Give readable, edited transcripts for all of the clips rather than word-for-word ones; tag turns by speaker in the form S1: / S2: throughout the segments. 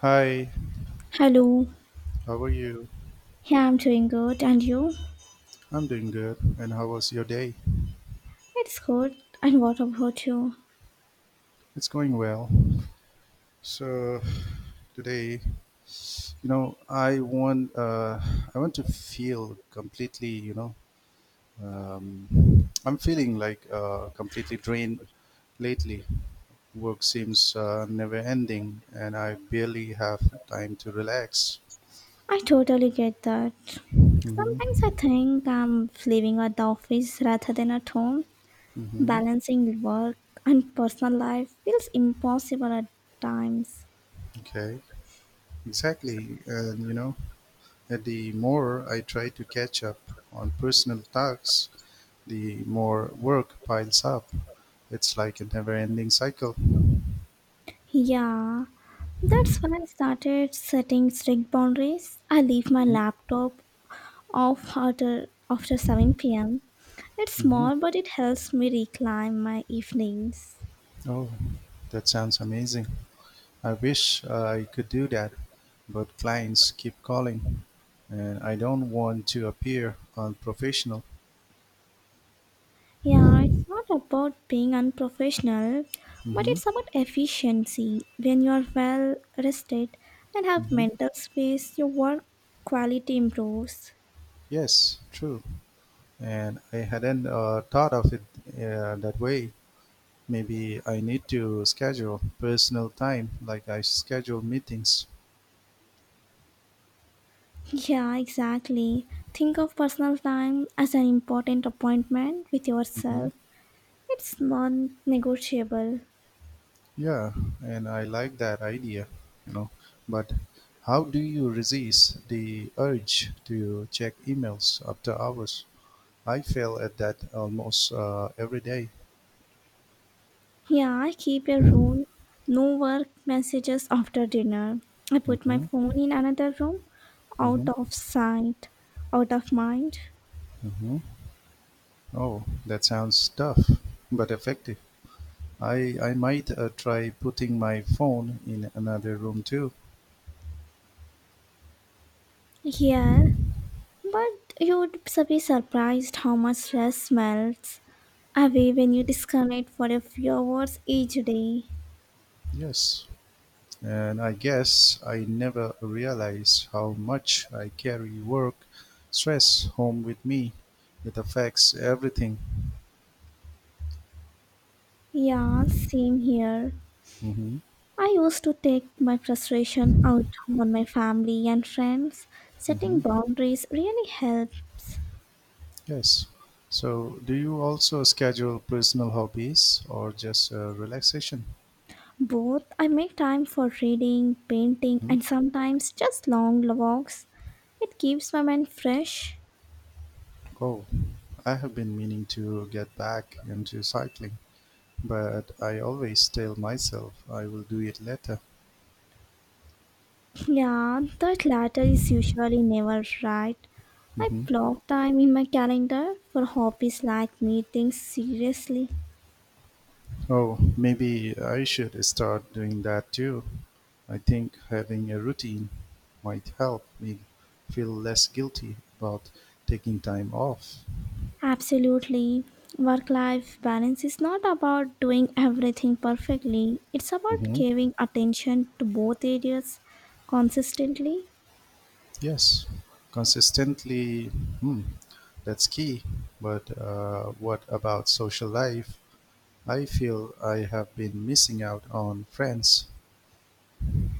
S1: Hi,
S2: Hello.
S1: how are you?
S2: Yeah, I'm doing good. And you?
S1: I'm doing good. And how was your day?
S2: It's good. And what about you?
S1: It's going well. So today, you know, I want uh, I want to feel completely. I'm feeling like completely drained lately. Work seems never ending, and I barely have time to relax.
S2: I totally get that. Sometimes I
S1: Hmm.
S2: think I'm living at the office rather than at home.
S1: Hmm.
S2: Balancing work and personal life feels impossible at times.
S1: Okay. Exactly. And the more I try to catch up on personal tasks, the more work piles up. It's like a never-ending cycle.
S2: Yeah, that's when I started setting strict boundaries. I leave my laptop off after 7 pm. It's
S1: Mm-hmm.
S2: small, but it helps me reclaim my evenings.
S1: Oh, that sounds amazing. I wish I could do that, but clients keep calling, and I don't want to appear unprofessional.
S2: Yeah, it's not about being unprofessional, but
S1: Mm-hmm.
S2: it's about efficiency. When you're well rested and have
S1: Mm-hmm.
S2: mental space, your work quality improves.
S1: Yes, true. And I hadn't thought of it that way. Maybe I need to schedule personal time like I schedule meetings.
S2: Yeah, exactly. Think of personal time as an important appointment with yourself. It's non negotiable.
S1: Yeah, and I like that idea, you know. But how do you resist the urge to check emails after hours? I fail at that almost every day.
S2: Yeah, I keep a rule no work messages after dinner. I put my
S1: Mm-hmm,
S2: phone in another room, out
S1: mm-hmm,
S2: of sight, out of mind.
S1: mm-hmm. Oh, that sounds tough, but effective. I might try putting my phone in another room too.
S2: Yeah, but you'd be surprised how much stress melts away when you disconnect for a few hours each day.
S1: Yes, and I guess I never realized how much I carry work stress home with me. It affects everything.
S2: Yeah, same here.
S1: Mm-hmm.
S2: I used to take my frustration out on my family and friends. Setting
S1: Mm-hmm.
S2: boundaries really helps.
S1: Yes. So, do you also schedule personal hobbies or just relaxation?
S2: Both, I make time for reading, painting,
S1: Hmm?
S2: and sometimes just long walks. It keeps my mind fresh.
S1: Oh, I have been meaning to get back into cycling, but I always tell myself I will do it later.
S2: Yeah, that latter is usually never right. I
S1: Hmm.
S2: block time in my calendar for hobbies like meetings seriously.
S1: Oh, maybe I should start doing that too. I think having a routine might help me feel less guilty about taking time off.
S2: Absolutely. Work life balance is not about doing everything perfectly, it's about
S1: Hmm.
S2: giving attention to both areas consistently.
S1: Yes, consistently, hmm, that's key. But what about social life? I feel I have been missing out on friends.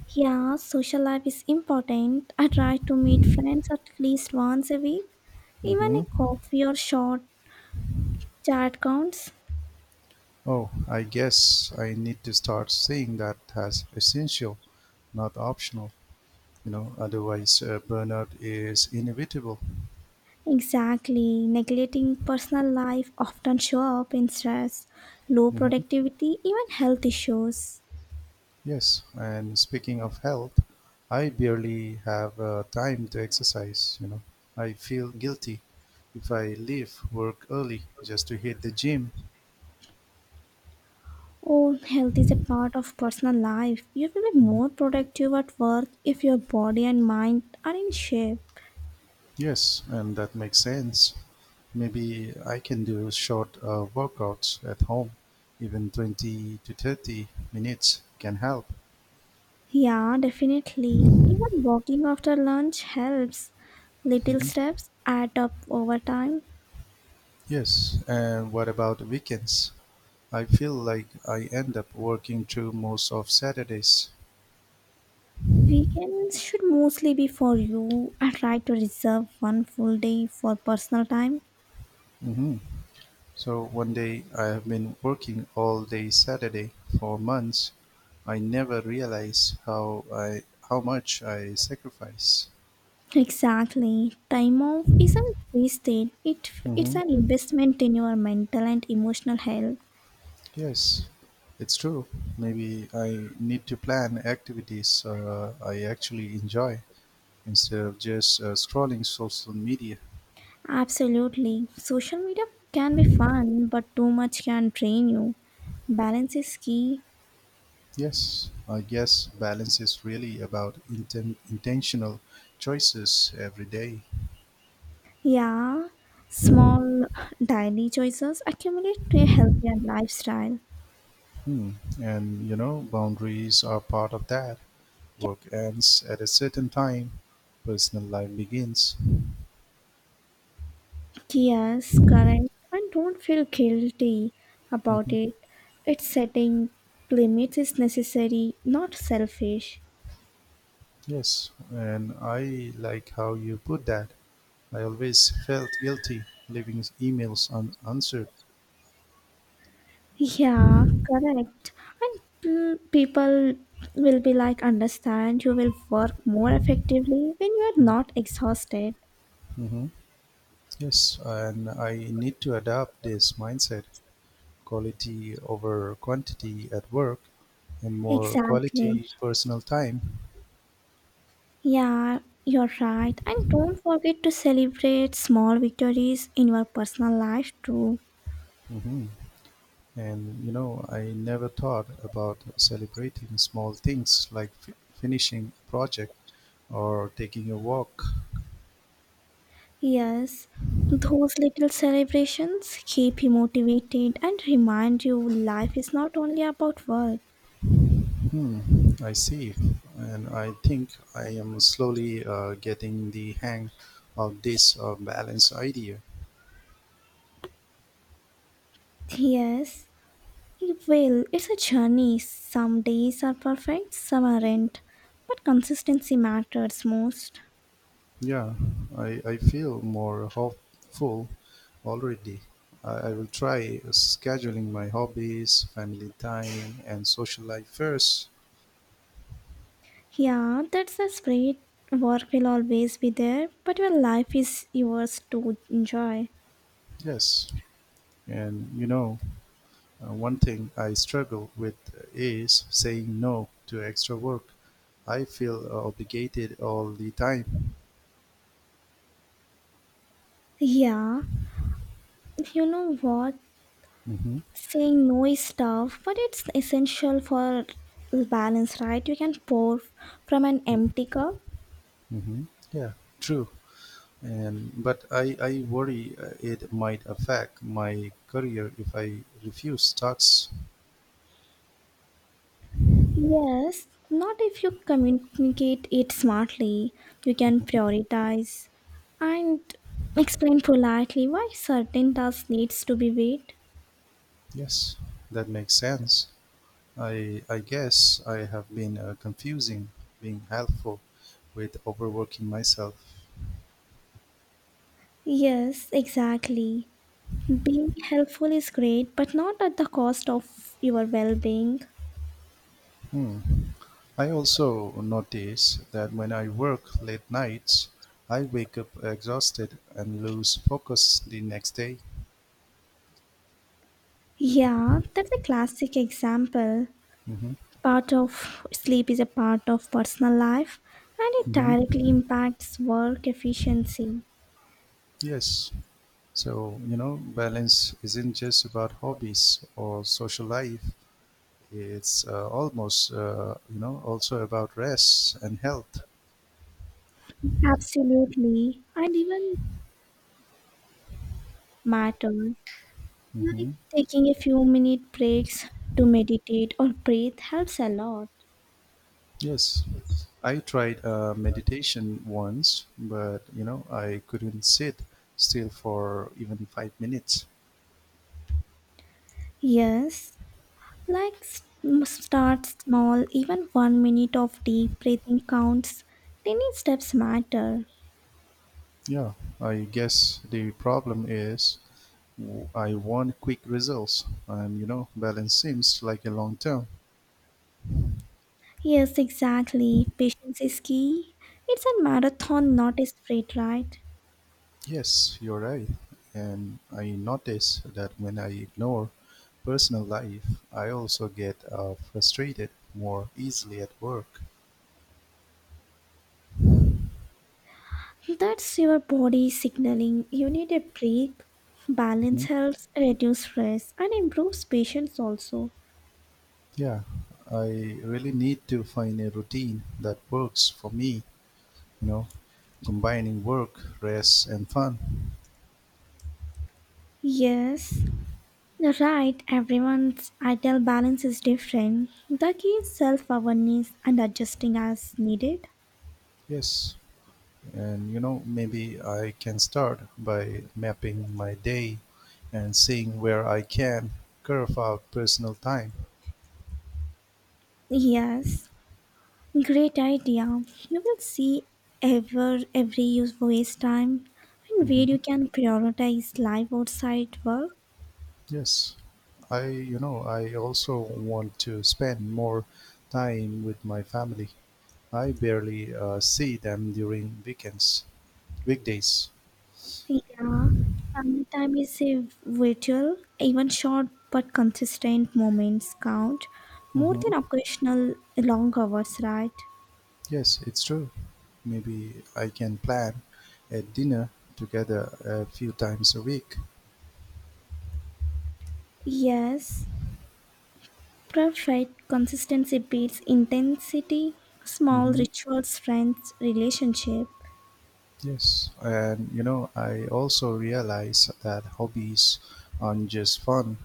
S2: Yeah, social life is important. I try to meet friends at least once a week. Even a
S1: Hmm.
S2: coffee or short chat counts.
S1: Oh, I guess I need to start seeing that as essential, not optional. Otherwise burnout is inevitable.
S2: Exactly. Neglecting personal life often show up in stress, low
S1: Hmm.
S2: productivity, even health issues.
S1: Yes, and speaking of health, I barely have time to exercise. I feel guilty if I leave work early just to hit the gym.
S2: Oh, health is a part of personal life. You will be
S1: Mhm.
S2: more productive at work if your body and mind are in shape.
S1: Yes, and that makes sense. Maybe I can do short workouts at home. Even 20 to 30 minutes can help.
S2: Yeah, definitely. Even walking after lunch helps. Little
S1: Mhm.
S2: steps add up over time.
S1: Yes, and what about weekends? I feel like I end up working through most of Saturdays.
S2: Weekends should mostly be for you. I try to reserve one full day for personal time.
S1: Mhm. So one day I have been working all day Saturday for months. I never realized how much I sacrifice.
S2: Exactly. Time off isn't wasted. It's
S1: Hmm.
S2: an investment in your mental and emotional health.
S1: Yes, it's true. Maybe I need to plan activities I actually enjoy instead of just scrolling social media.
S2: Absolutely. Social media can be fun, but too much can drain you. Balance is key.
S1: Yes, I guess balance is really about intentional choices every day.
S2: Yeah. Small daily choices accumulate to a healthier lifestyle.
S1: Hmm. And boundaries are part of that. Work ends at a certain time, personal life begins.
S2: Yes, correct. And don't feel guilty about
S1: Hmm.
S2: it. It's setting limits is necessary, not selfish.
S1: Yes, and I like how you put that. I always felt guilty leaving emails unanswered.
S2: Yeah, correct. And people will be like, understand you will work more effectively when you are not exhausted.
S1: Hmm. Yes, and I need to adopt this mindset. Quality over quantity at work and more
S2: Exactly.
S1: quality personal time.
S2: Yeah, you're right. And don't forget to celebrate small victories in your personal life too.
S1: Hmm. And I never thought about celebrating small things like finishing a project or taking a walk.
S2: Yes, those little celebrations keep you motivated and remind you life is not only about work.
S1: Hmm, I see. And I think I am slowly getting the hang of this balance idea.
S2: Yes. Well, it's a journey. Some days are perfect, some aren't. But consistency matters most.
S1: Yeah, I feel more hopeful already. I will try scheduling my hobbies, family time, and social life first.
S2: Yeah, that's a spirit. Work will always be there, but your life is yours to enjoy.
S1: Yes. And one thing I struggle with is saying no to extra work. I feel obligated all the time.
S2: Yeah, you know what?
S1: Mm-hmm.
S2: Saying no is tough, but it's essential for balance, right? You can pour from an empty cup.
S1: Mm-hmm. Yeah, true. And but I worry it might affect my career if I refuse tasks.
S2: Yes, not if you communicate it smartly. You can prioritize and explain politely why certain tasks needs to be weighed.
S1: Yes, that makes sense. I guess I have been confusing being helpful with overworking myself.
S2: Yes, exactly. Being helpful is great, but not at the cost of your well-being.
S1: Hmm. I also notice that when I work late nights, I wake up exhausted and lose focus the next day.
S2: Yeah, that's a classic example.
S1: Hmm.
S2: Part of sleep is a part of personal life, and it directly
S1: Hmm.
S2: impacts work efficiency.
S1: Yes. So, balance isn't just about hobbies or social life. It's almost, also about rest and health.
S2: Absolutely. And even matters. Like
S1: Mhm.
S2: taking a few minute breaks to meditate or breathe helps a lot.
S1: Yes, I tried meditation once, but I couldn't sit still for even 5 minutes.
S2: Yes, like start small, even 1 minute of deep breathing counts. Tiny steps matter.
S1: Yeah, I guess the problem is I want quick results, and balance seems like a long term.
S2: Yes, exactly. Patience is key. It's a marathon, not a sprint, right?
S1: Yes, you're right. And I notice that when I ignore personal life, I also get frustrated more easily at work.
S2: That's your body signaling you need a break. Balance
S1: Mhm.
S2: helps reduce stress and improves patience also.
S1: Yeah, I really need to find a routine that works for me, you know, combining work, rest, and fun.
S2: Yes. You're right, everyone's ideal balance is different. The key is self awareness and adjusting as needed.
S1: Yes, and maybe I can start by mapping my day and seeing where I can carve out personal time.
S2: Yes, great idea. You will see every use waste time and where
S1: Hmm.
S2: you can prioritize life outside work.
S1: Yes, I also want to spend more time with my family. I barely see them during weekends, weekdays.
S2: Yeah, family time is a virtual, even short but consistent moments count more
S1: Hmm.
S2: than occasional long hours, right?
S1: Yes, it's true. Maybe I can plan a dinner together a few times a week.
S2: Yes, provide consistency beats intensity. Small
S1: Hmm.
S2: rituals friends relationship.
S1: Yes, and I also realize that hobbies aren't just fun,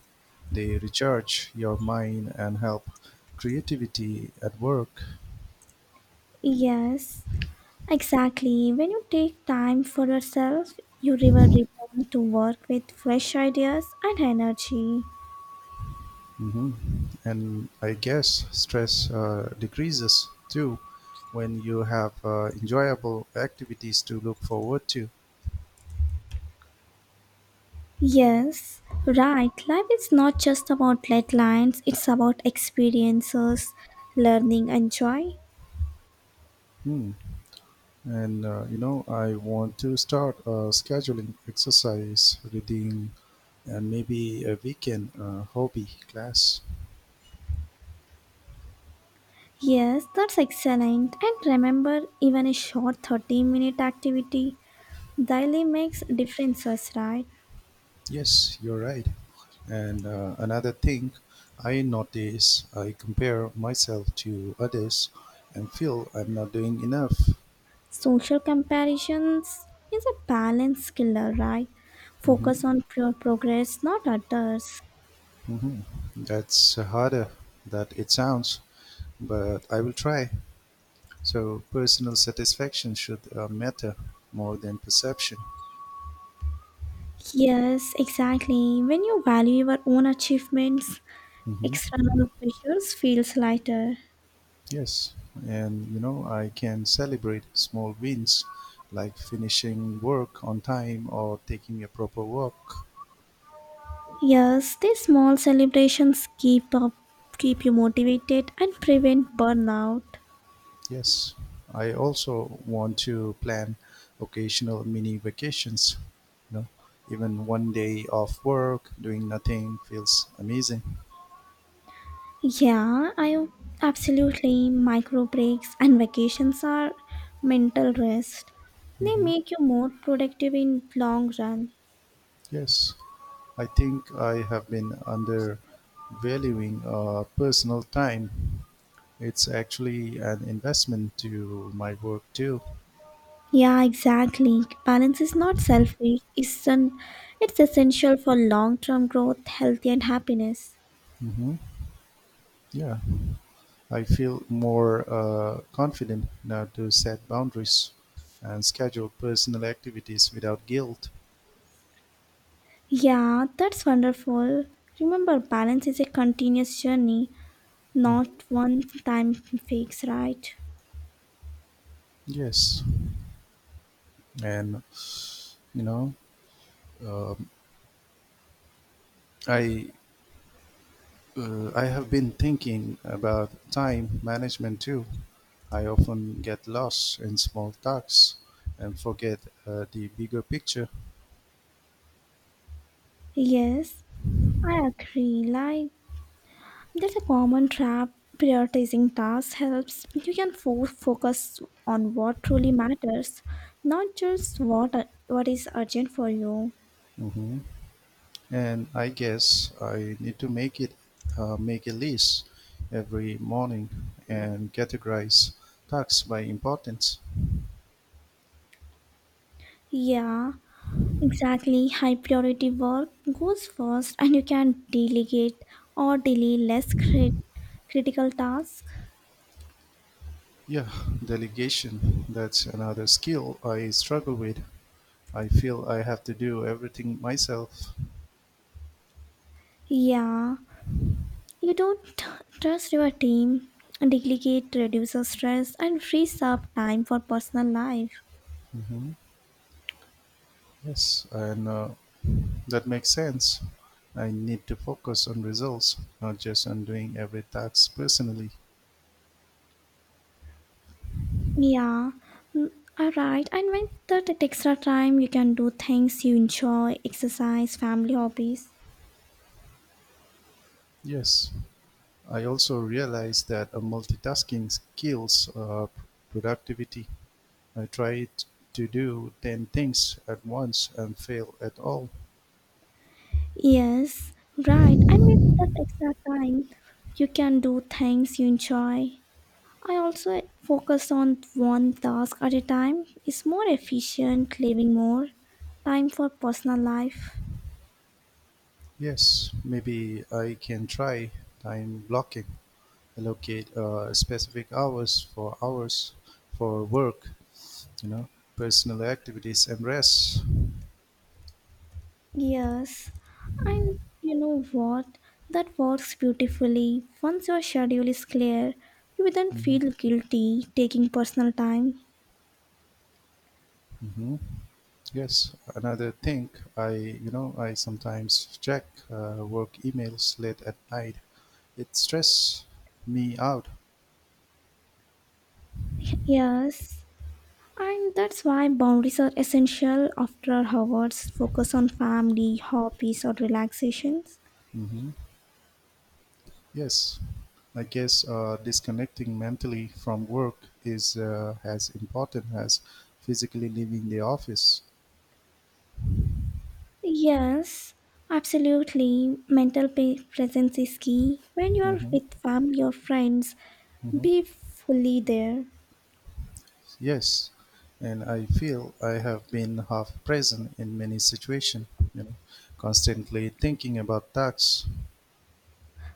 S1: they recharge your mind and help creativity at work.
S2: Yes, exactly. When you take time for yourself, you will return to work with fresh ideas and energy.
S1: Hmm. And I guess stress decreases too when you have enjoyable activities to look forward to.
S2: Yes, right. Life is not just about deadlines, it's about experiences, learning, and joy.
S1: Hmm. And I want to start scheduling exercise, reading, and maybe a weekend hobby class.
S2: Yes, that's excellent. And remember, even a short 30-minute activity daily makes differences, right?
S1: Yes, you're right. And another thing I notice, I compare myself to others and feel I'm not doing enough.
S2: Social comparisons is a balance killer, right?
S1: Hmm.
S2: Focus on your progress, not others.
S1: Hmm. That's harder than it sounds, but I will try. So, personal satisfaction should matter more than perception.
S2: Yes, exactly. When you value your own achievements,
S1: Mhm.
S2: external pressures feels lighter.
S1: Yes, and I can celebrate small wins like finishing work on time or taking a proper walk.
S2: Yes, these small celebrations keep you motivated and prevent burnout.
S1: Yes, I also want to plan occasional mini vacations. You know, Even one day off work, doing nothing feels amazing.
S2: Yeah, I absolutely. Micro breaks and vacations are mental rest. They
S1: Hmm.
S2: make you more productive in long run.
S1: Yes, I think I have been undervaluing personal time. It's actually an investment to my work too.
S2: Yeah, exactly. Balance is not selfish. It's essential for long-term growth, health, and happiness.
S1: Hmm. Yeah, I feel more confident now to set boundaries and schedule personal activities without guilt.
S2: Yeah, that's wonderful. Remember, balance is a continuous journey,
S1: Mhm.
S2: not one time fix, right?
S1: Yes, and you know, um, I I have been thinking about time management too. I often get lost in small tasks and forget the bigger picture.
S2: Yes, I agree. Like, that's a common trap. Prioritizing tasks helps. You can focus on what truly matters, not just what is urgent for you.
S1: Hmm. And I guess I need to make a list every morning and categorize tasks by importance.
S2: Yeah, exactly. High priority work goes first, and you can delegate or delay less critical tasks.
S1: Yeah, delegation. That's another skill I struggle with. I feel I have to do everything myself.
S2: Yeah, you don't trust your team. Delegate reduces stress and frees up time for personal life.
S1: Hmm. Yes, and that makes sense. I need to focus on results, not just on doing every task personally.
S2: Yeah, mm, all right. And when that at extra time, you can do things you enjoy, exercise, family hobbies.
S1: Yes. I also realized that multitasking kills productivity. I tried to do 10 things at once and fail at all.
S2: Yes, right. And with that extra time, you can do things you enjoy. I also focus on one task at a time. It's more efficient, living more time for personal life.
S1: Yes, maybe I can try time blocking, allocate specific hours for work, you know, personal activities and rest.
S2: Yes, and you know what? That works beautifully. Once your schedule is clear, you will then
S1: Hmm.
S2: feel guilty taking personal time.
S1: Hmm. Yes, another thing I you know I sometimes check work emails late at night. It stress me out.
S2: Yes, and that's why boundaries are essential after hours. Focus on family, hobbies, or relaxations.
S1: Hmm. Yes, I guess disconnecting mentally from work is as important as physically leaving the office.
S2: Yes, absolutely. Mental presence is key. When you are
S1: Hmm.
S2: with family or friends,
S1: Hmm.
S2: be fully there.
S1: Yes, and I feel I have been half present in many situations. You know, Constantly thinking about tasks.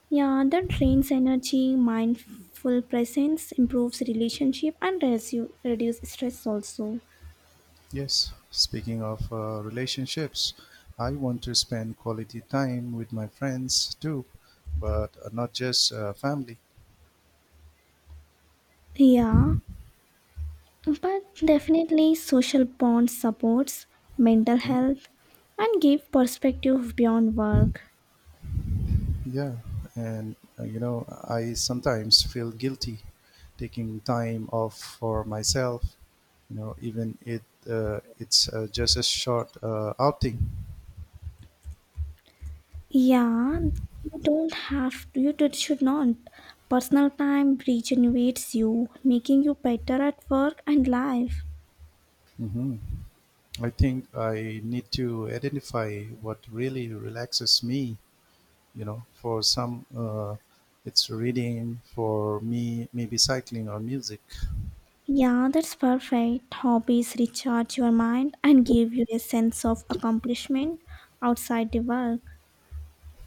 S2: Yeah, that drains energy, mindful presence improves relationship and reduce stress also.
S1: Yes, speaking of relationships, I want to spend quality time with my friends too, but not just family.
S2: Yeah, but definitely social bonds supports mental
S1: Mhm.
S2: health and give perspective beyond work.
S1: Yeah, and I sometimes feel guilty taking time off for myself. Even it's just a short outing.
S2: Yeah, you don't have to, you should not. Personal time regenerates you, making you better at work and life.
S1: Hmm. I think I need to identify what really relaxes me, for some it's reading, for me maybe cycling or music.
S2: Yeah, that's perfect. Hobbies recharge your mind and give you a sense of accomplishment outside the work.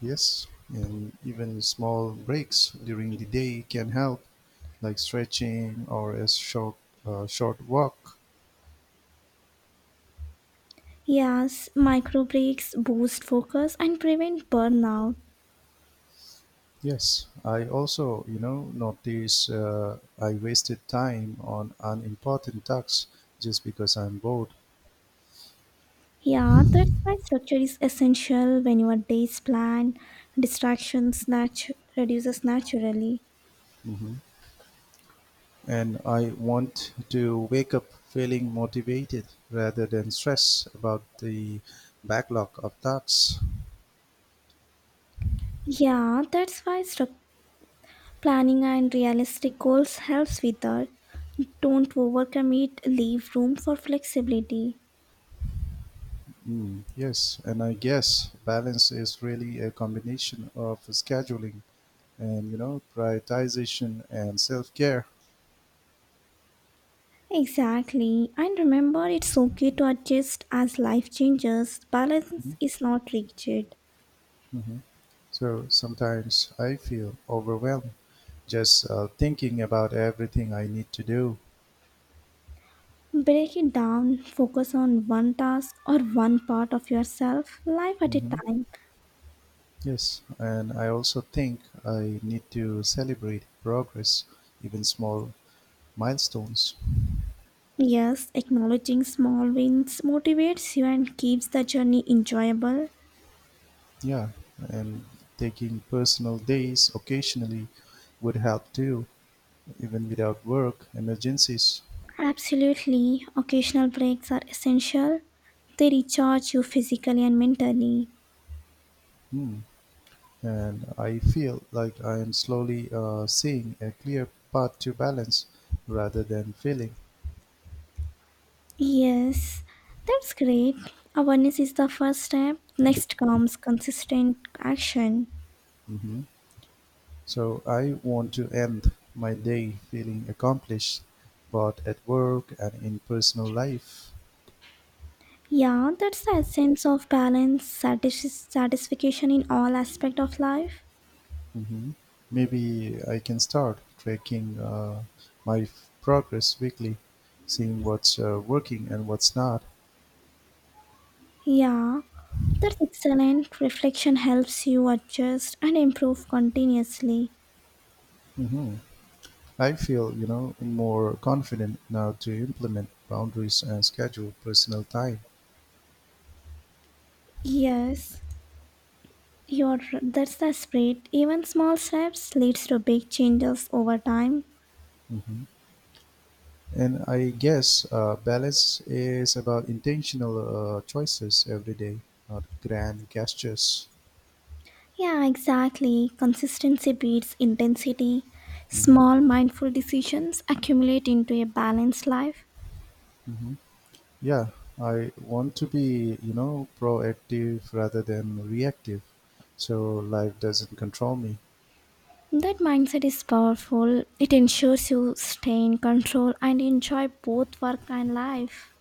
S1: Yes, and even small breaks during the day can help, like stretching or a short walk.
S2: Yes, micro breaks boost focus and prevent burnout.
S1: Yes, I also notice I wasted time on unimportant tasks just because I'm bored.
S2: Yeah, that's why structure is essential when your day is planned. Distractions reduces naturally.
S1: Hmm. And I want to wake up feeling motivated rather than stressed about the backlog of tasks.
S2: Yeah, that's why planning and realistic goals helps with that. Don't overcommit, leave room for flexibility.
S1: Mm, yes, and I guess balance is really a combination of scheduling and prioritization and self-care.
S2: Exactly, and remember it's okay to adjust as life changes. Balance
S1: Mhm,
S2: is not rigid.
S1: mhm. So sometimes I feel overwhelmed just thinking about everything I need to do.
S2: Break it down, focus on one task or one part of yourself, life at a
S1: Mm-hmm.
S2: time.
S1: Yes, and I also think I need to celebrate progress, even small milestones.
S2: Yes, acknowledging small wins motivates you and keeps the journey enjoyable.
S1: Yeah, and taking personal days occasionally would help too, even without work emergencies.
S2: Absolutely, occasional breaks are essential. They recharge you physically and mentally.
S1: Hmm. And I feel like I am slowly seeing a clear path to balance rather than feeling.
S2: Yes, that's great. Awareness is the first step. Next comes consistent action.
S1: Hmm. So I want to end my day feeling accomplished, both at work and in personal life.
S2: Yeah, that's the essence of balance, satisfaction in all aspect of life.
S1: Mhm. Maybe I can start tracking my progress weekly, seeing what's working and what's not.
S2: Yeah, that's excellent. Reflection helps you adjust and improve continuously.
S1: Hmm. I feel, more confident now to implement boundaries and schedule personal time.
S2: Yes, you're that's the spirit. Even small steps leads to big changes over time.
S1: Hmm. And I guess balance is about intentional choices every day, not grand gestures.
S2: Yeah, exactly. Consistency beats intensity.
S1: Hmm.
S2: Small mindful decisions accumulate into a balanced life.
S1: Hmm. Yeah, I want to be, proactive rather than reactive. So life doesn't control me.
S2: That mindset is powerful. It ensures you stay in control and enjoy both work and life.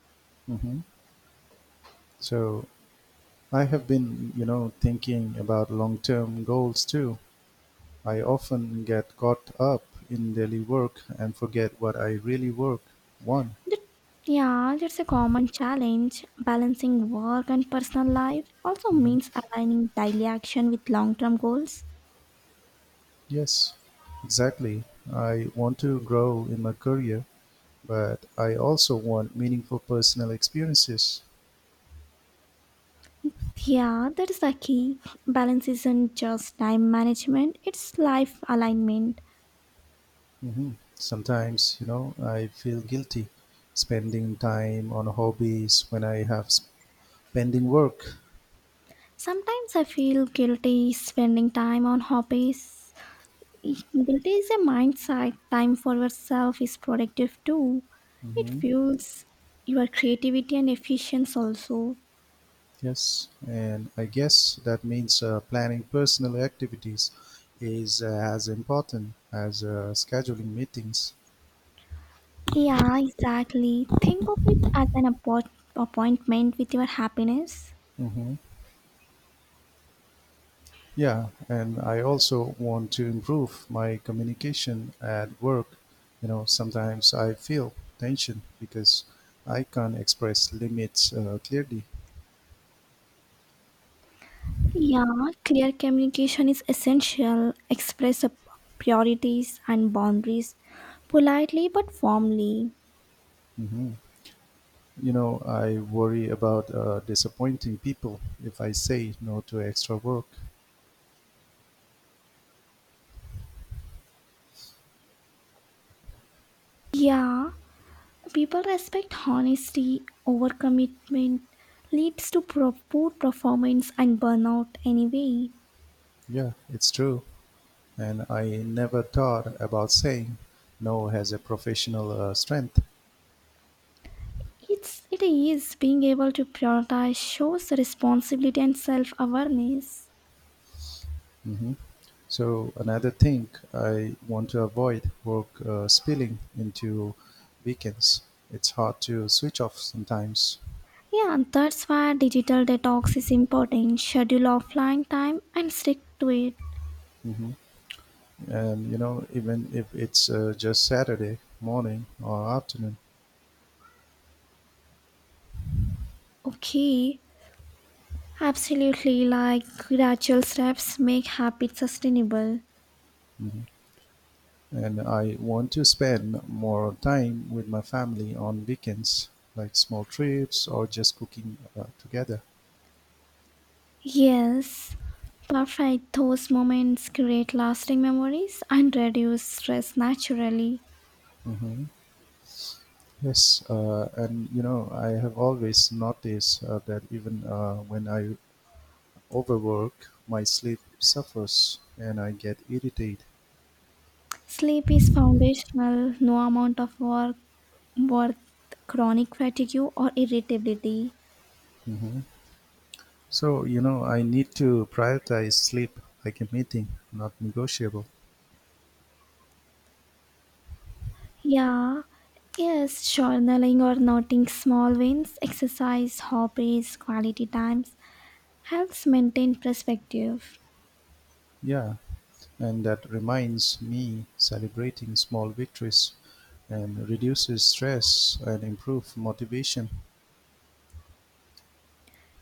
S1: Hmm. So I have been, thinking about long term goals too. I often get caught up in daily work and forget what I really work want.
S2: That- yeah, that's a common challenge. Balancing work and personal life also
S1: Hmm.
S2: means aligning daily action with long term goals.
S1: Yes, exactly. I want to grow in my career, but I also want meaningful personal experiences.
S2: Yeah, that is the key. Balance isn't just time management, it's life alignment.
S1: Mhm. Sometimes, I feel guilty spending time on hobbies when I have pending work.
S2: Sometimes I feel guilty spending time on hobbies. Guilty is a mindset. Time for yourself is productive too. It
S1: Hmm.
S2: fuels your creativity and efficiency also.
S1: Yes, and I guess that means planning personal activities is as important as scheduling meetings.
S2: Yeah, exactly. Think of it as an appointment with your happiness.
S1: Hmm. Yeah, and I also want to improve my communication at work. Sometimes I feel tension because I can't express limits clearly.
S2: Yeah, clear communication is essential. Express your priorities and boundaries politely but firmly.
S1: Mhm. I worry about disappointing people if I say no to extra work.
S2: Yeah, people respect honesty, overcommitment leads to poor performance and burnout anyway.
S1: Yeah, it's true. And I never thought about saying no as a professional strength.
S2: It's it is being able to prioritize shows responsibility and self-awareness.
S1: Hmm. So, another thing I want to avoid work spilling into weekends. It's hard to switch off sometimes.
S2: Yeah, and that's why digital detox is important. Schedule offline time and stick to it.
S1: Hmm. And, even if it's just Saturday morning or afternoon.
S2: Okay, absolutely. Like gradual steps make habits sustainable.
S1: And I want to spend more time with my family on weekends, like small trips or just cooking together.
S2: Yes, perfect. Those moments create lasting memories and reduce stress naturally.
S1: Hmm. Yes, I have always noticed that even when I overwork, my sleep suffers and I get irritated.
S2: Sleep is foundational, no amount of work worth chronic fatigue or irritability.
S1: Hmm. So, I need to prioritize sleep like a meeting, not negotiable.
S2: Yeah, yes, journaling or noting small wins, exercise, hobbies, quality times helps maintain perspective.
S1: Yeah, and that reminds me celebrating small victories and reduces stress and improve motivation.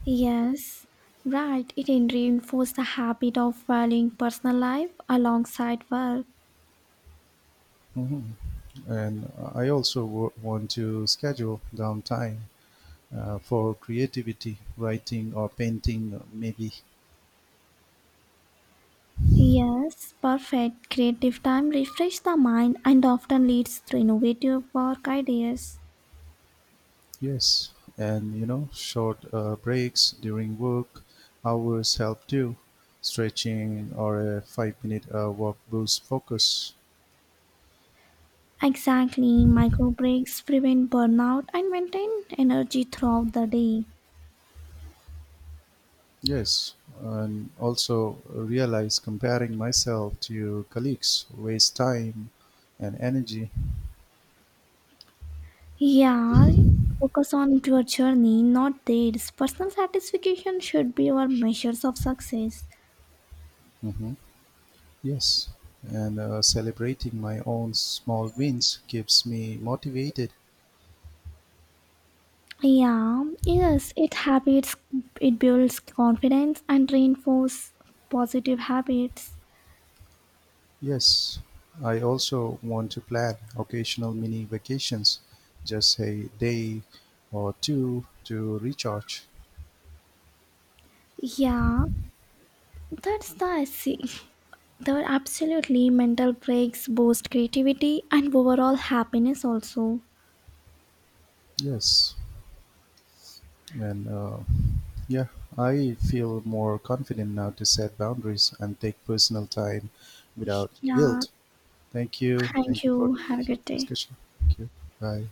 S2: Yes, right, it reinforces the habit of valuing personal life alongside work.
S1: Mhm. And I also want to schedule downtime for creativity, writing or painting, maybe.
S2: Yes, perfect. Creative time refresh the mind and often leads to innovative work ideas.
S1: Yes, and short breaks during work hours help too. Stretching or a 5-minute walk boosts focus.
S2: Exactly, micro breaks prevent burnout and maintain energy throughout the day.
S1: Yes, and also realize comparing myself to colleagues waste time and energy.
S2: Yeah, focus on your journey, not theirs. Personal satisfaction should be your measures of success.
S1: Hmm. Yes, and celebrating my own small wins keeps me motivated.
S2: Yeah, yes, it builds confidence and reinforce positive habits.
S1: Yes, I also want to plan occasional mini vacations, just a day or two to recharge.
S2: Yeah, that's the there are absolutely mental breaks boost creativity and overall happiness also.
S1: Yes, and Yeah, I feel more confident now to set boundaries and take personal time without
S2: Yeah,
S1: guilt. Thank you.
S2: thank
S1: Thank you for
S2: you. Have a
S1: the
S2: good day.
S1: discussion. Thank you. Bye.